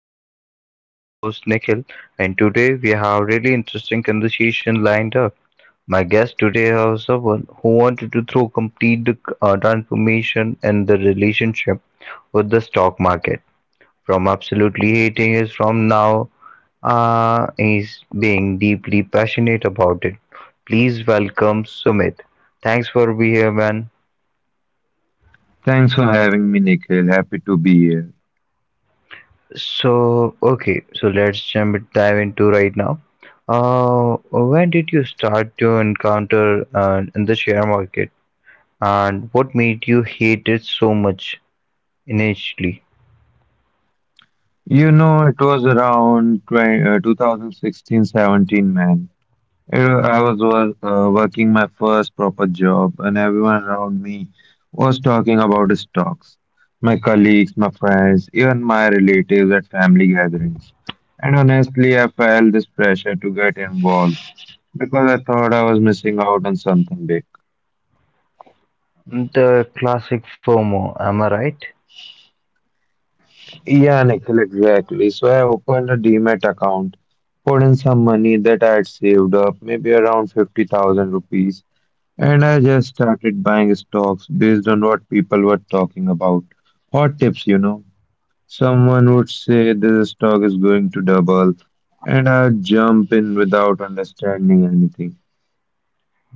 with Nikhil. I'm your host Nikhil, and today we have really interesting conversation lined up. My guest today is someone who wanted to throw complete transformation in the relationship with the stock market. From absolutely hating is from now, he's being deeply passionate about it. Please welcome Sumit. Thanks for being here, man. Thanks for having me, Nikhil. Happy to be here. So, okay, so let's jump dive into right now. When did you start to encounter in the share market, and what made you hate it so much initially? You know, it was around 2016 17, man. I was working my first proper job, and everyone around me was talking about stocks. My colleagues, my friends, even my relatives at family gatherings. And honestly, I felt this pressure to get involved because I thought I was missing out on something big. The classic FOMO, am I right? Yeah, Nikhil, exactly. So I opened a Demat account, put in some money that I had saved up, maybe around 50,000 rupees, and I just started buying stocks based on what people were talking about. Hot tips. Someone would say this stock is going to double, and I'd jump in without understanding anything.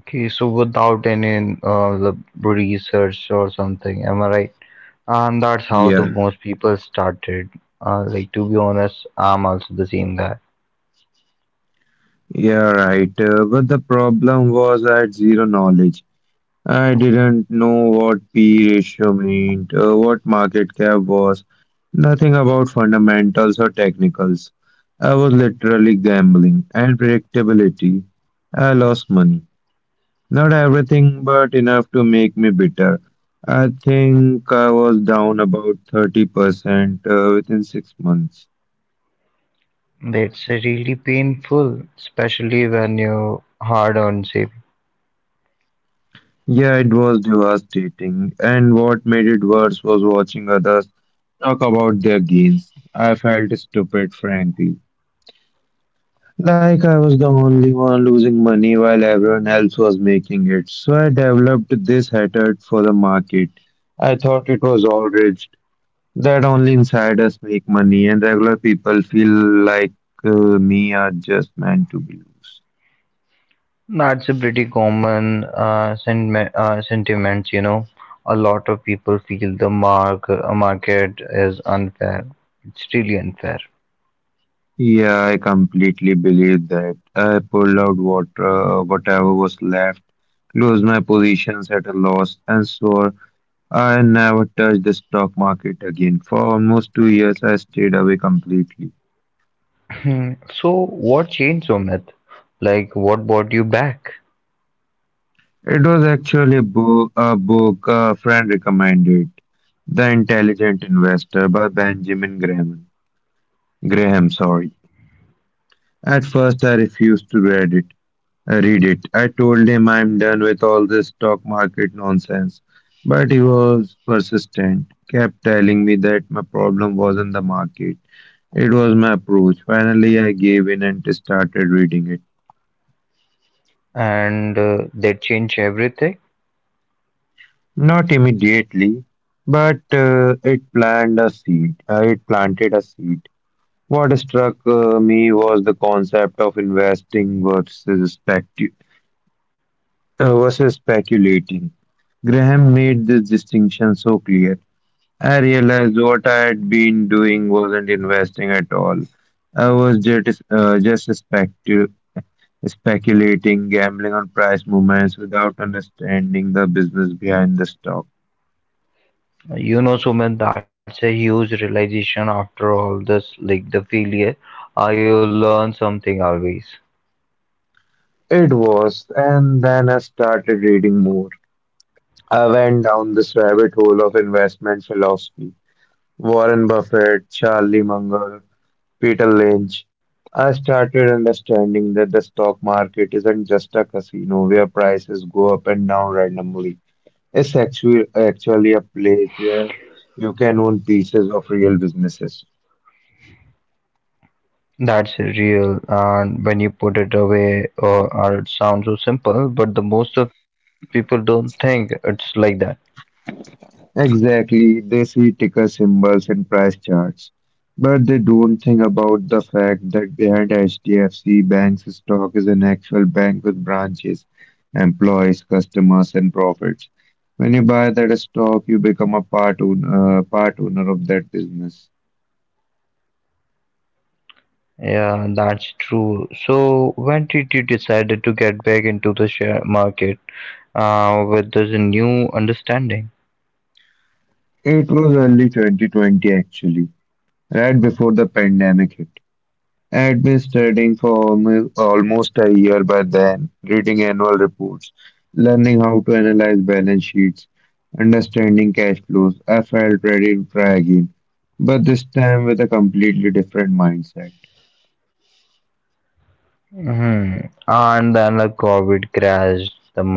Okay, so without any the research or something, am I right? And that's how the Yeah, most people started. Like to be honest, I'm also the same guy. yeah, right. But the problem was I had zero knowledge. I didn't know what P ratio meant, what market cap was, nothing about fundamentals or technicals. I was literally gambling and predictability. I lost money. Not everything, but enough to make me bitter. I think I was down about 30% within six months. That's really painful, especially when you're hard on saving. Yeah, it was devastating. And what made it worse was watching others talk about their gains. I felt stupid, frankly. Like I was the only one losing money while everyone else was making it. So I developed this hatred for the market. I thought it was all rigged, that only insiders make money and regular people feel like uh, me are just meant to be loose. That's a pretty common uh, sentiment, you know. A lot of people feel the market is unfair. It's really unfair. Yeah, I completely believe that. I pulled out whatever was left, closed my positions at a loss, and swore I never touched the stock market again. For almost two years, I stayed away completely. Hmm, so, what changed, Sumit? Like, what brought you back? It was actually book a friend recommended, The Intelligent Investor by Benjamin Graham. Graham, sorry. At first, I refused to read it. I read it. I told him I'm done with all this stock market nonsense. But he was persistent, kept telling me that my problem wasn't the market. It was my approach. Finally, I gave in and started reading it. And that changed everything. Not immediately, but it planted a seed. What struck me was the concept of investing versus speculating. Graham made this distinction so clear. I realized what I had been doing wasn't investing at all. I was just speculating, gambling on price movements without understanding the business behind the stock. You know, Sumit, that's a huge realization after all this, like the failure. You learn something always. It was, and then I started reading more. I went down this rabbit hole of investment philosophy. Warren Buffett, Charlie Munger, Peter Lynch. I started understanding that the stock market isn't just a casino where prices go up and down randomly. It's actually a place where you can own pieces of real businesses. That's real, and when you put it away, or it sounds so simple, but the most of people don't think it's like that. Exactly, they see ticker symbols and price charts, but they don't think about the fact that behind HDFC Bank's stock is an actual bank with branches, employees, customers, and profits. When you buy that stock, you become a part owner of that business. Yeah, that's true. So when did you decided to get back into the share market with this new understanding? It was early 2020 actually, right before the pandemic hit. I'd been studying for almost a year by then, reading annual reports, learning how to analyze balance sheets, understanding cash flows. I felt ready to try again, but this time with a completely different mindset. Hmm. And then the COVID crashed the market.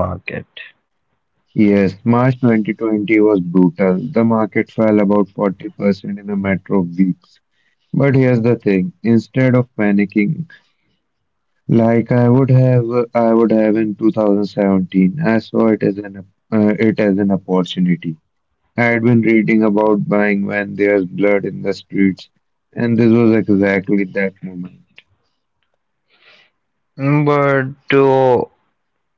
Yes, March 2020 was brutal. The market fell about 40% in a matter of weeks. But here's the thing, instead of panicking, Like I would have, I would have in 2017. I saw it as an opportunity. I had been reading about buying when there's blood in the streets, and this was exactly that moment. Mm, but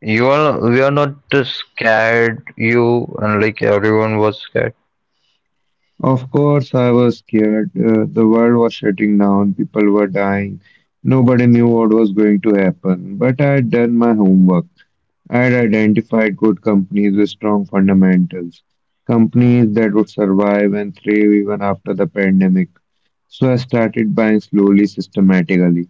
you are we are not scared. You and like everyone was scared. Of course, I was scared. The world was shutting down. People were dying. Nobody knew what was going to happen. But I had done my homework. I had identified good companies with strong fundamentals, companies that would survive and thrive even after the pandemic. So I started buying slowly, systematically.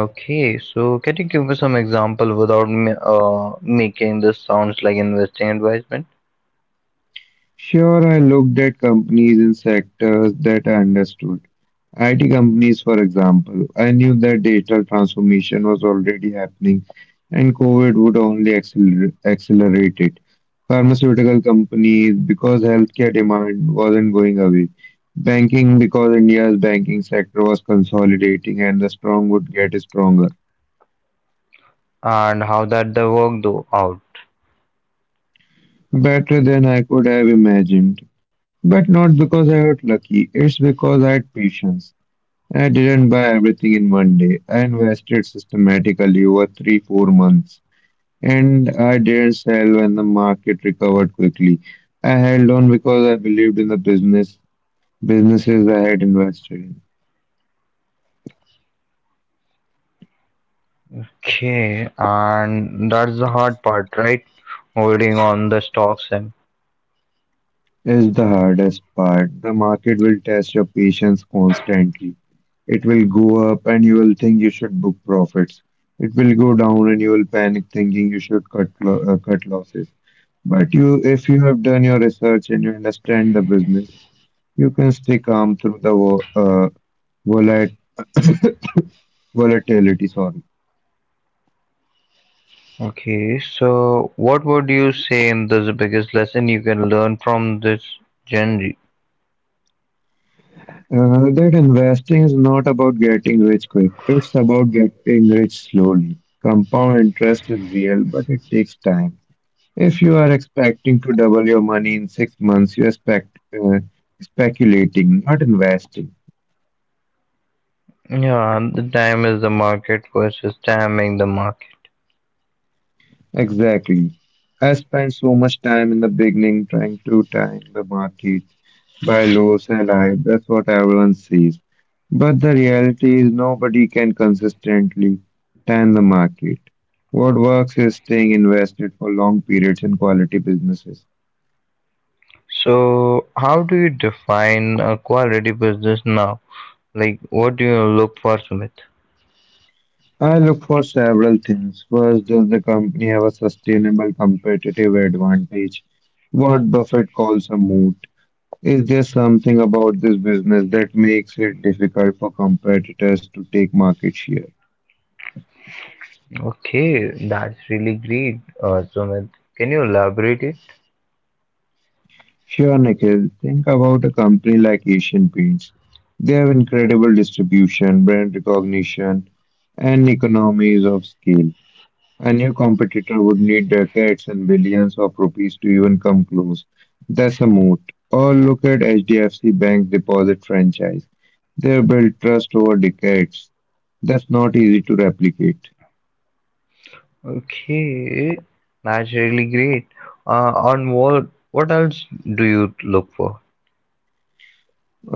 Okay, so can you give me some example without me, making this sounds like investing advisement Sure, I looked at companies in sectors that I understood IT companies, for example. I knew that digital transformation was already happening and COVID would only accelerate it. Pharmaceutical companies, because healthcare demand wasn't going away. Banking, because India's banking sector was consolidating and the strong would get stronger. and how that the work do out? Better than I could have imagined. But not because I was lucky, it's because I had patience. I didn't buy everything in one day. I invested systematically over three, four months, and I didn't sell when the market recovered quickly. I held on because I believed in the businesses I had invested in. Okay, and that's the hard part, right? Holding on the stocks and Is the hardest part. The market will test your patience constantly. It will go up and you will think you should book profits. It will go down and you will panic thinking you should cut losses. But you, if you have done your research and you understand the business, you can stay calm through the volat- volatility. Sorry. okay, so what would you say in this biggest lesson you can learn from this genre? That investing is not about getting rich quick. It's about getting rich slowly. Compound interest is real, but it takes time. If you are expecting to double your money in six months, you are uh, speculating, not investing. Yeah, the time is the market versus timing the market. Exactly. I spent so much time in the beginning trying to time the market, buy low, sell high. That's what everyone says. But the reality is nobody can consistently time the market. What works is staying invested for long periods in quality businesses. So, how do you define a quality business now? Like, what do you look for, Sumit? I look for several things. First, does the company have a sustainable competitive advantage? What Buffett calls a moat. Is there something about this business that makes it difficult for competitors to take market share? Okay, that's really great, Sumit. Can you elaborate it? Sure, Nikhil. Think about a company like Asian Paints. They have incredible distribution, brand recognition, and economies of scale. A new competitor would need decades and billions of rupees to even come close. That's a moat. Or look at HDFC Bank's deposit franchise. They have built trust over decades. That's not easy to replicate. Okay, that's really great. On what else do you look for?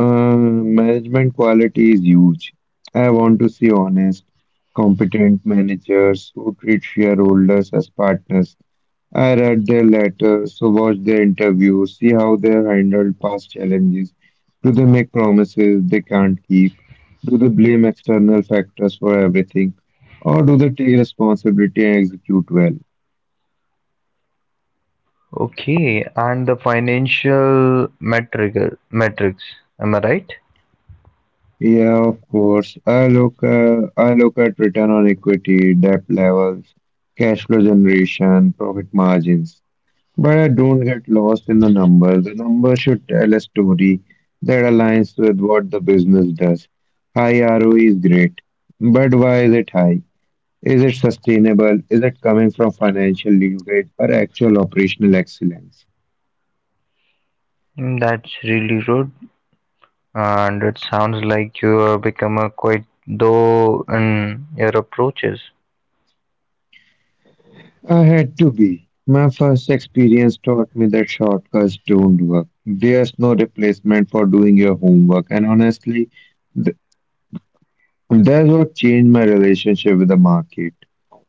Management quality is huge. I want to see honest, competent managers who treat shareholders as partners. I read their letters, so watch their interviews, see how they handled past challenges. Do they make promises they can't keep? Do they blame external factors for everything? Or do they take responsibility and execute well? Okay, and the financial metric metrics. Am I right? Yeah, of course. I look at return on equity, debt levels, cash flow generation, profit margins. But I don't get lost in the numbers. The numbers should tell a story that aligns with what the business does. High ROE is great, but why is it high? Is it sustainable? Is it coming from financial leverage or actual operational excellence? Mm, that's really good, and it sounds like you have become a quite though in your approaches. I had to be. My first experience taught me that shortcuts don't work. There's no replacement for doing your homework. And honestly, th- that's what changed my relationship with the market.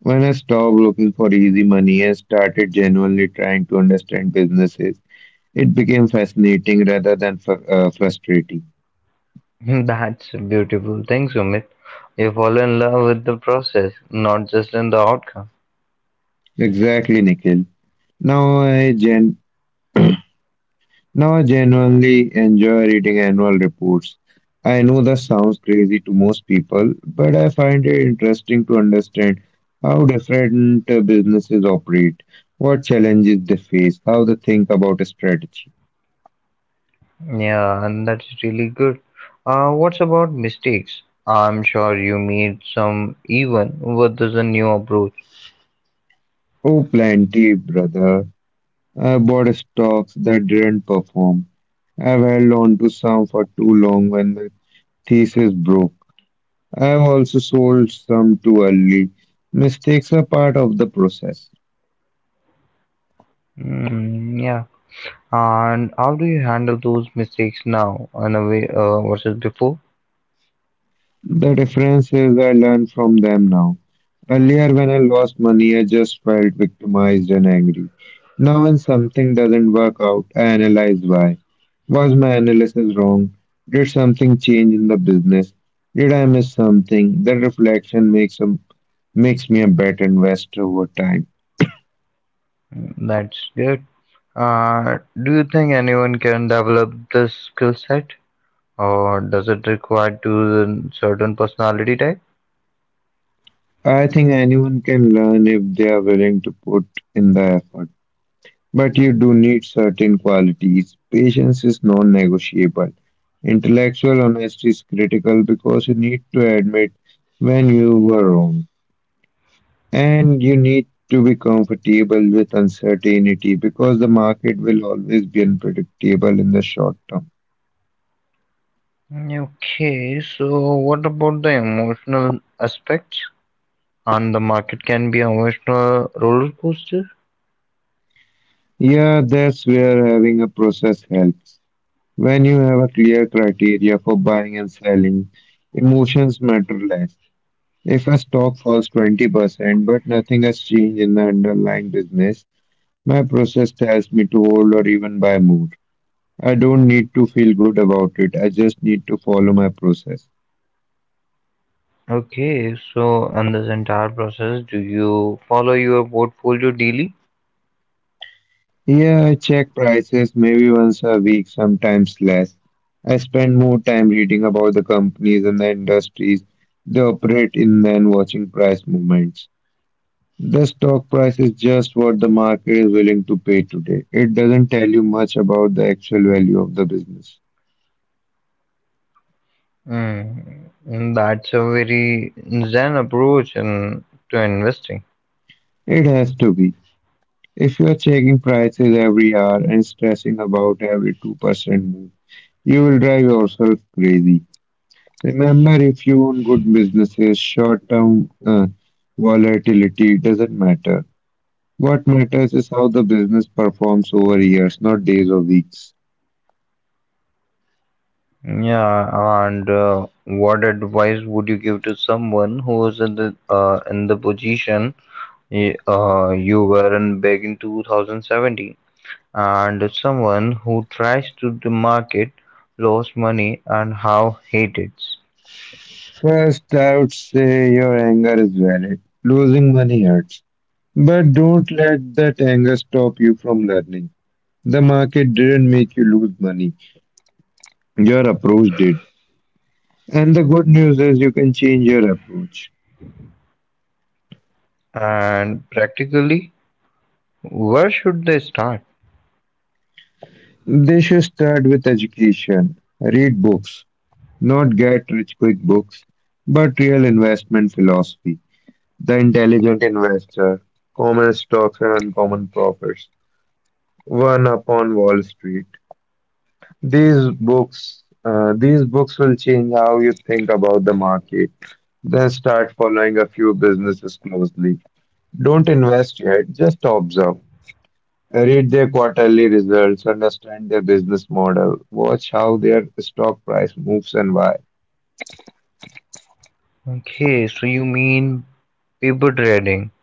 When I stopped looking for easy money and started genuinely trying to understand businesses, it became fascinating rather than frustrating. That's beautiful. Thanks, Sumit. You fall in love with the process, not just in the outcome. Exactly, Nikhil. Now I gen Now I genuinely enjoy reading annual reports. I know that sounds crazy to most people, but I find it interesting to understand how different businesses operate, what challenges they face, how they think about strategy. Yeah, and that's really good. What's about mistakes? I'm sure you made some even with this a new approach. Oh, plenty, brother. I bought stocks that didn't perform. I've held on to some for too long when the thesis broke. I've also sold some too early. Mistakes are part of the process. Mm, yeah. And how do you handle those mistakes now in a way versus before? The differences I learned from them now. Earlier, when I lost money, I just felt victimized and angry. Now, when something doesn't work out, I analyze why. Was my analysis wrong? Did something change in the business? Did I miss something? That reflection makes me a better investor over time. Mm, that's good. Do you think anyone can develop this skill set, or does it require to a certain personality type? I think anyone can learn if they are willing to put in the effort. But you do need certain qualities. Patience is non negotiable. Intellectual honesty is critical because you need to admit when you were wrong. And you need to be comfortable with uncertainty because the market will always be unpredictable in the short term. Okay, so what about the emotional aspects? And the market can be emotional roller coaster. Yeah, that's where having a process helps. When you have a clear criteria for buying and selling, emotions matter less. If a stock falls 20%, but nothing has changed in the underlying business, my process tells me to hold or even buy more. I don't need to feel good about it. I just need to follow my process. Okay, so in this entire process, do you follow your portfolio daily? Yeah, I check prices maybe once a week, sometimes less. I spend more time reading about the companies and the industries they operate in than watching price movements. The stock price is just what the market is willing to pay today. It doesn't tell you much about the actual value of the business. Mm, mm, that's a very zen approach in, to investing. It has to be. If you are checking prices every hour and stressing about every 2% move, you will drive yourself crazy. Remember, if you own good businesses, short term volatility doesn't matter. What matters is how the business performs over years, not days or weeks. Yeah, and what advice would you give to someone who is in the in the position you were in back in 2017? And someone who tries to the market lost money and how hated First, I would say your anger is valid. Losing money hurts. But don't let that anger stop you from learning. The market didn't make you lose money. Your approach did. And the good news is you can change your approach. and practically where should they start They should start with education. Read books, not get rich quick books, but real investment philosophy. The intelligent investor, common stocks and uncommon profits, one upon Wall Street. These books will change how you think about the market. Then start following a few businesses closely. Don't invest yet, just observe. Read their quarterly results, understand their business model, watch how their stock price moves and why. okay so you mean paper trading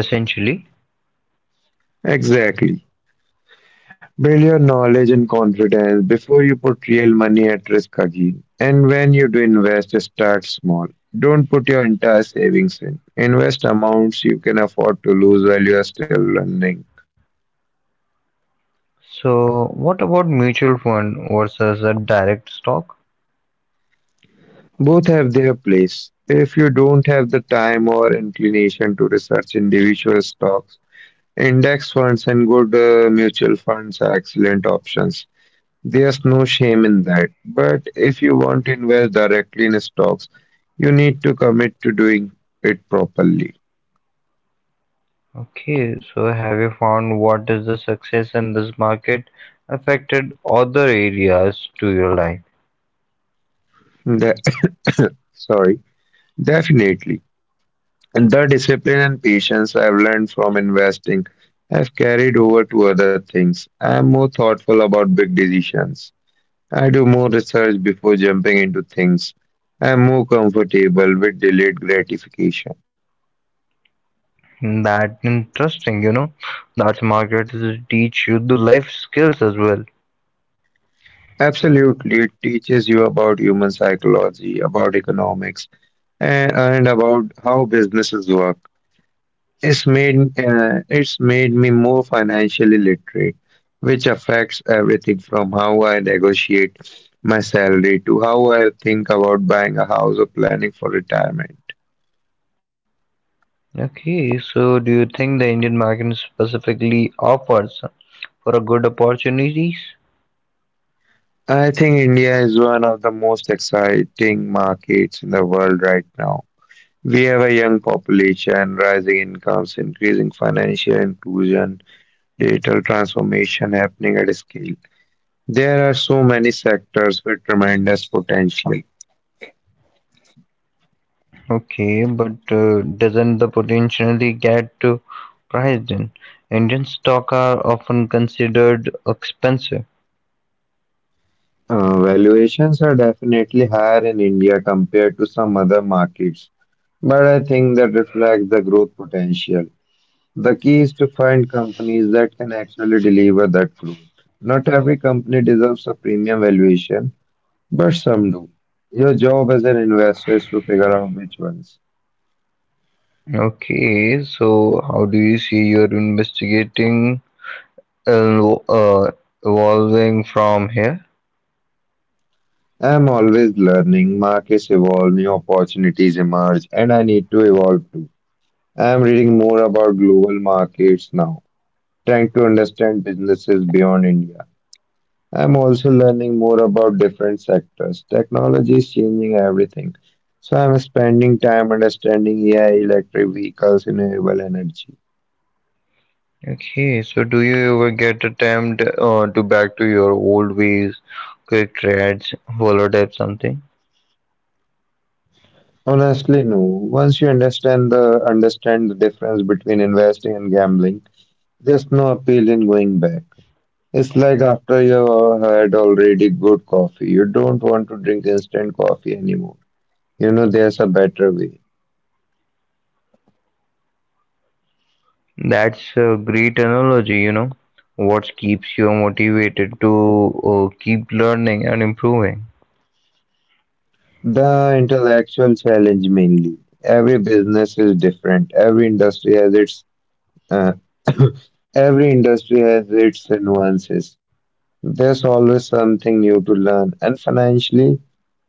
essentially Exactly. Build your knowledge and confidence before you put real money at risk again. And when you do invest, start small. Don't put your entire savings in. Invest amounts you can afford to lose while you are still learning. so what about mutual fund versus a direct stock Both have their place. If you don't have the time or inclination to research individual stocks, index funds and good mutual funds are excellent options. There's no shame in that. But if you want to invest directly in stocks, you need to commit to doing it properly. okay so have you found what is the success in this market affected other areas to your life. The- Sorry, definitely. And the discipline and patience I've learned from investing have carried over to other things. I'm more thoughtful about big decisions. I do more research before jumping into things. I'm more comfortable with delayed gratification. That interesting, you know. That's markets will teach you the life skills as well. Absolutely. It teaches you about human psychology, about economics, and about how businesses work. It's made me more financially literate, which affects everything from how I negotiate my salary to how I think about buying a house or planning for retirement. Okay, so do you think the Indian market specifically offers for a good opportunities? I think India is one of the most exciting markets in the world right now. We have a young population, rising incomes, increasing financial inclusion, digital transformation happening at scale. There are so many sectors with tremendous potential. Okay, but doesn't the potentially get to priced in? Indian stock are often considered expensive. Valuations are definitely higher in India compared to some other markets, but I think that reflects the growth potential. The key is to find companies that can actually deliver that growth. Not every company deserves a premium valuation, but some do. Your job as an investor is to figure out which ones. Okay, so how do you see your investigating el- uh, evolving from here? I'm always learning. Markets evolve, new opportunities emerge, and I need to evolve too. I'm reading more about global markets now, trying to understand businesses beyond India. I'm also learning more about different sectors. Technology is changing everything. So I'm spending time understanding AI, electric vehicles, renewable energy. Okay, so do you ever get a tempt to back to your old ways, quick trades, follow up something? Honestly, no. Once you understand the difference between investing and gambling, there's no appeal in going back. It's like after you have had already good coffee, you don't want to drink instant coffee anymore. You know, there's a better way. That's a great analogy, you know. What keeps you motivated to keep learning and improving? The intellectual challenge mainly. Every business is different. Every industry has its uh, every industry has its nuances. There's always something new to learn, and financially,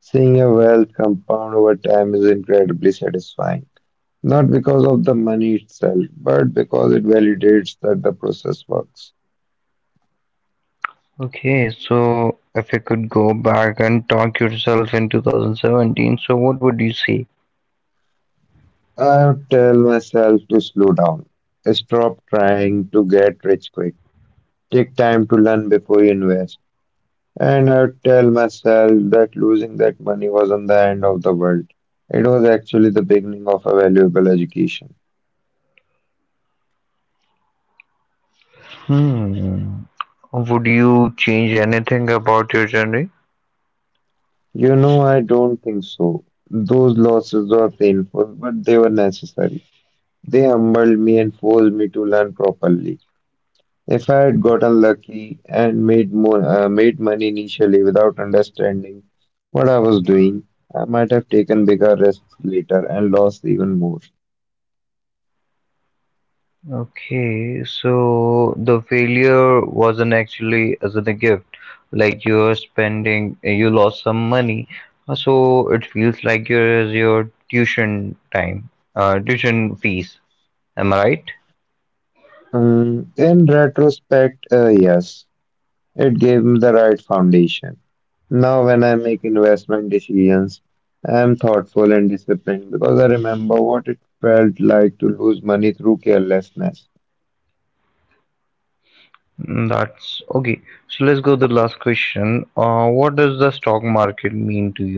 seeing your wealth compound over time is incredibly satisfying. Not because of the money itself, but because it validates that the process works. Okay, so if you could go back and talk yourself in 2017, so what would you say? I tell myself to slow down. Stop trying to get rich quick. Take time to learn before you invest. And I tell myself that losing that money wasn't the end of the world. It was actually the beginning of a valuable education. Hmm, would you change anything about your journey? You know, I don't think so. Those losses were painful, but they were necessary. They humbled me and forced me to learn properly. If I had gotten lucky and made money initially without understanding what I was doing, I might have taken bigger risks later and lost even more. Okay, so the failure wasn't actually as not a gift. Like you're spending, you lost some money, so it feels like your tuition time, tuition fees. Am I right? In retrospect, yes, it gave me the right foundation. Now, when I make investment decisions, I am thoughtful and disciplined because I remember what it felt like to lose money through carelessness. Mm, that's okay. So let's go to the last question. What does the stock market mean to you?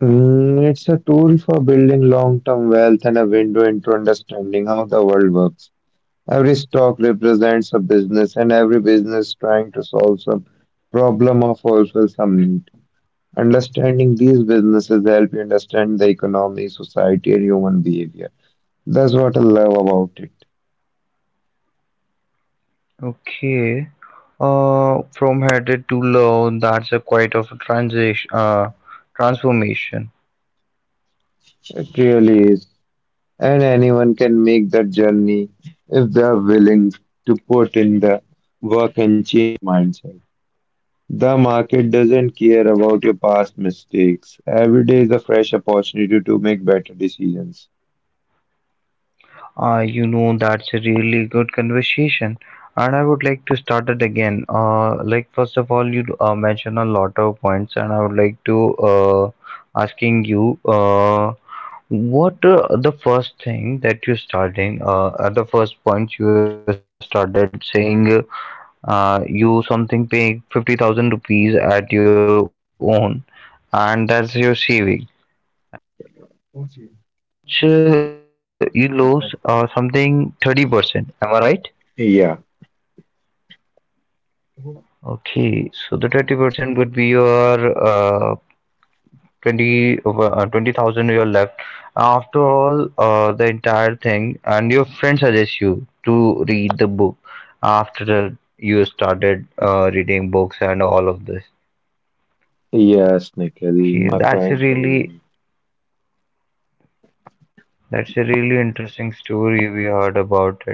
Mm, it's a tool for building long-term wealth and a window into understanding how the world works. Every stock represents a business, and every business trying to solve some problem or fulfill some need. Understanding these businesses help you understand the economy, society, and human behavior. That's what I love about it. Okay. From headed to low, that's a quite of a transition, transformation. It really is. And anyone can make that journey if they are willing to put in the work and change mindset. The market doesn't care about your past mistakes. Every day is a fresh opportunity to make better decisions. You know, that's a really good conversation, and I would like to start it again. Like first of all, you mentioned a lot of points, and I would like to asking you what the first thing that you starting at the first point you started saying you something paying 50,000 rupees at your own, and that's your saving. So you lose something 30%. Am I right? Yeah. Okay, so the 30% would be your 20 over 20,000 you are left. After all, the entire thing, and your friend suggests you to read the book after you started reading books and all of this. Yes, Nikhil, Okay, my that's friend really told me. that's a really interesting story. We heard about it.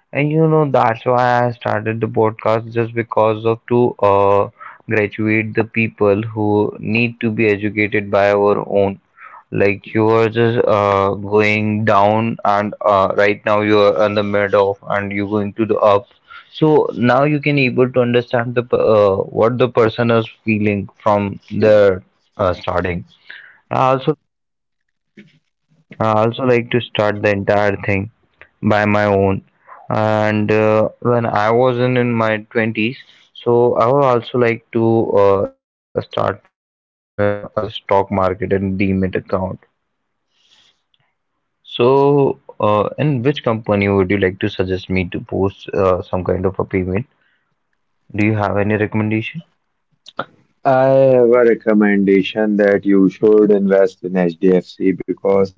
And you know, that's why I started the podcast just because of to graduate the people who need to be educated by our own. Like you are just going down, and right now you are on the mid of, and you're going to the up. So now you can able to understand the what the person is feeling from their starting. I also I also like to start the entire thing by my own and when I wasn't in my 20s, so I would also like to start as a stock market and demat account, so in which company would you like to suggest me to post some kind of a payment, do you have any recommendation? I have a recommendation that you should invest in HDFC because,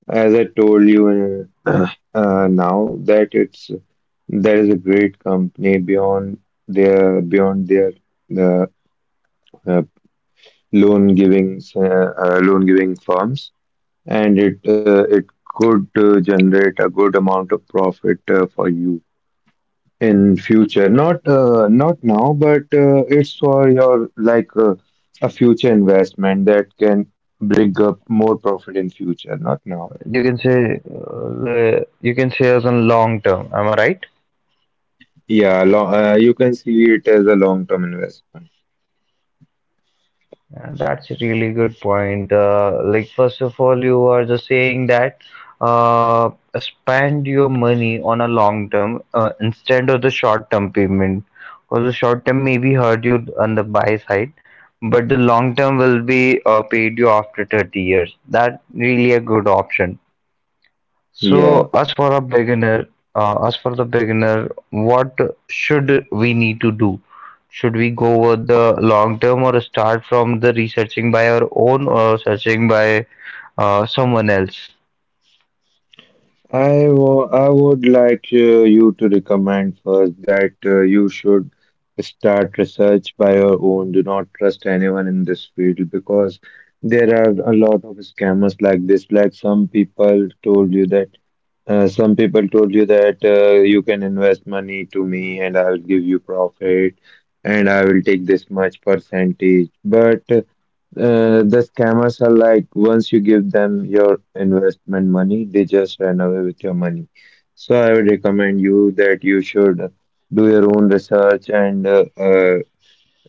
as I told you, now, that it's there is a great company beyond their the uh, loan giving firms. And it could generate a good amount of profit for you in future, not now, but it's for your, like, a future investment that can bring up more profit in future, not now. You can say you can say as a long term, am I right? Yeah, you can see it as a long term investment. That's a really good point. Like, first of all, you are just saying that uh, spend your money on a long term instead of the short term payment. Because the short term maybe hurt you on the buy side, but the long term will be paid you after 30 years. That really a good option. So, Yeah. as for a beginner, as for the beginner, what should we need to do? Should we go with the long term or start from the researching by our own or searching by someone else? I would like you to recommend first that you should start research by your own. Do not trust anyone in this field because there are a lot of scammers like this. Like some people told you that you can invest money to me and I will give you profit and I will take this much percentage. But the scammers are like, once you give them your investment money, they just run away with your money. So I would recommend you that you should do your own research and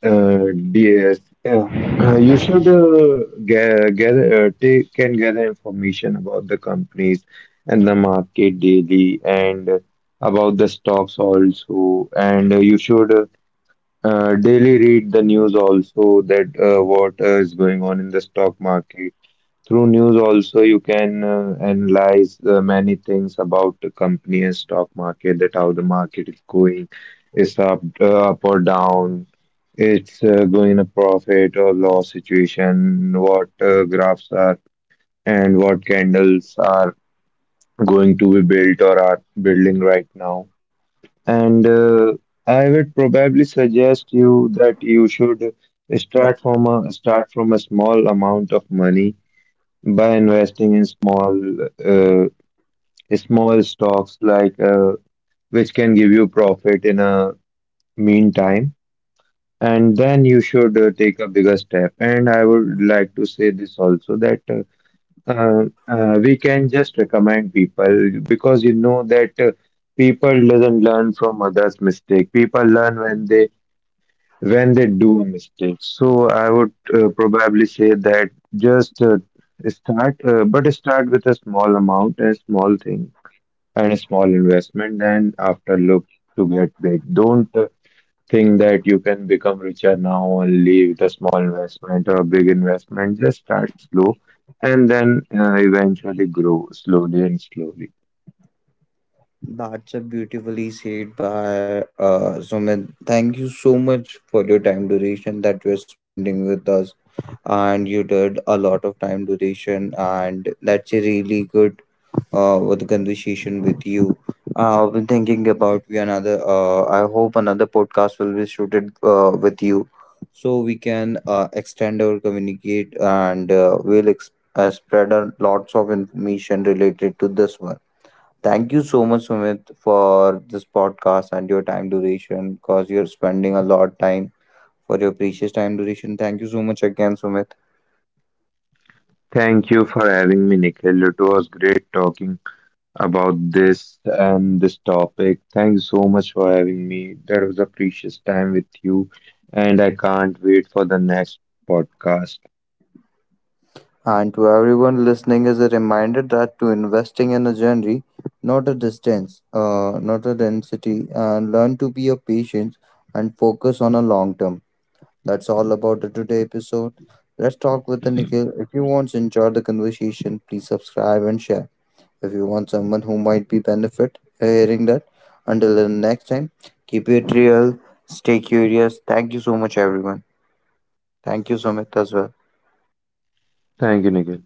uh, DS, uh, you should gather, take can gather information about the companies and the market daily, and about the stocks also, and you should daily read the news also, that what is going on in the stock market. Through news also you can analyze many things about the company and stock market, that how the market is going, is up up or down, it's going a profit or loss situation, what graphs are and what candles are going to be built or are building right now, and I would probably suggest you that you should start from a small amount of money by investing in small uh, small stocks, like which can give you profit in a meantime, and then you should take a bigger step. And I would like to say this also, that we can just recommend people, because you know that people doesn't learn from others mistake, people learn when they do a mistake. So I would probably say that just start, but start with a small amount, a small thing, and a small investment. Then after look to get big. Don't think that you can become richer now only with a small investment or a big investment. Just start slow, and then eventually grow slowly and slowly. That's a beautifully said by Sumit. Thank you so much for your time duration that you're spending with us. And you did a lot of time duration, and that's a really good with the conversation with you. I've been thinking about we another. I hope another podcast will be suited with you, so we can extend our communicate and we'll spread a lots of information related to this one. Thank you so much, Sumit, for this podcast and your time duration, because you're spending a lot time for your precious time duration. Thank you so much again, Sumit. Thank you for having me, Nikhil. It was great talking about this topic. Thanks so much for having me. That was a precious time with you, and I can't wait for the next podcast. And to everyone listening is a reminder that to investing in a journey, not a distance, not a density, and learn to be a patient and focus on a long term. That's all about the today episode. Let's talk with the Nikhil. If you want to enjoy the conversation, please subscribe and share. If you want someone who might be benefit hearing that, until the next time, keep it real, stay curious. Thank you so much, everyone. Thank you, Sumit, as well. Thank you, Nikhil.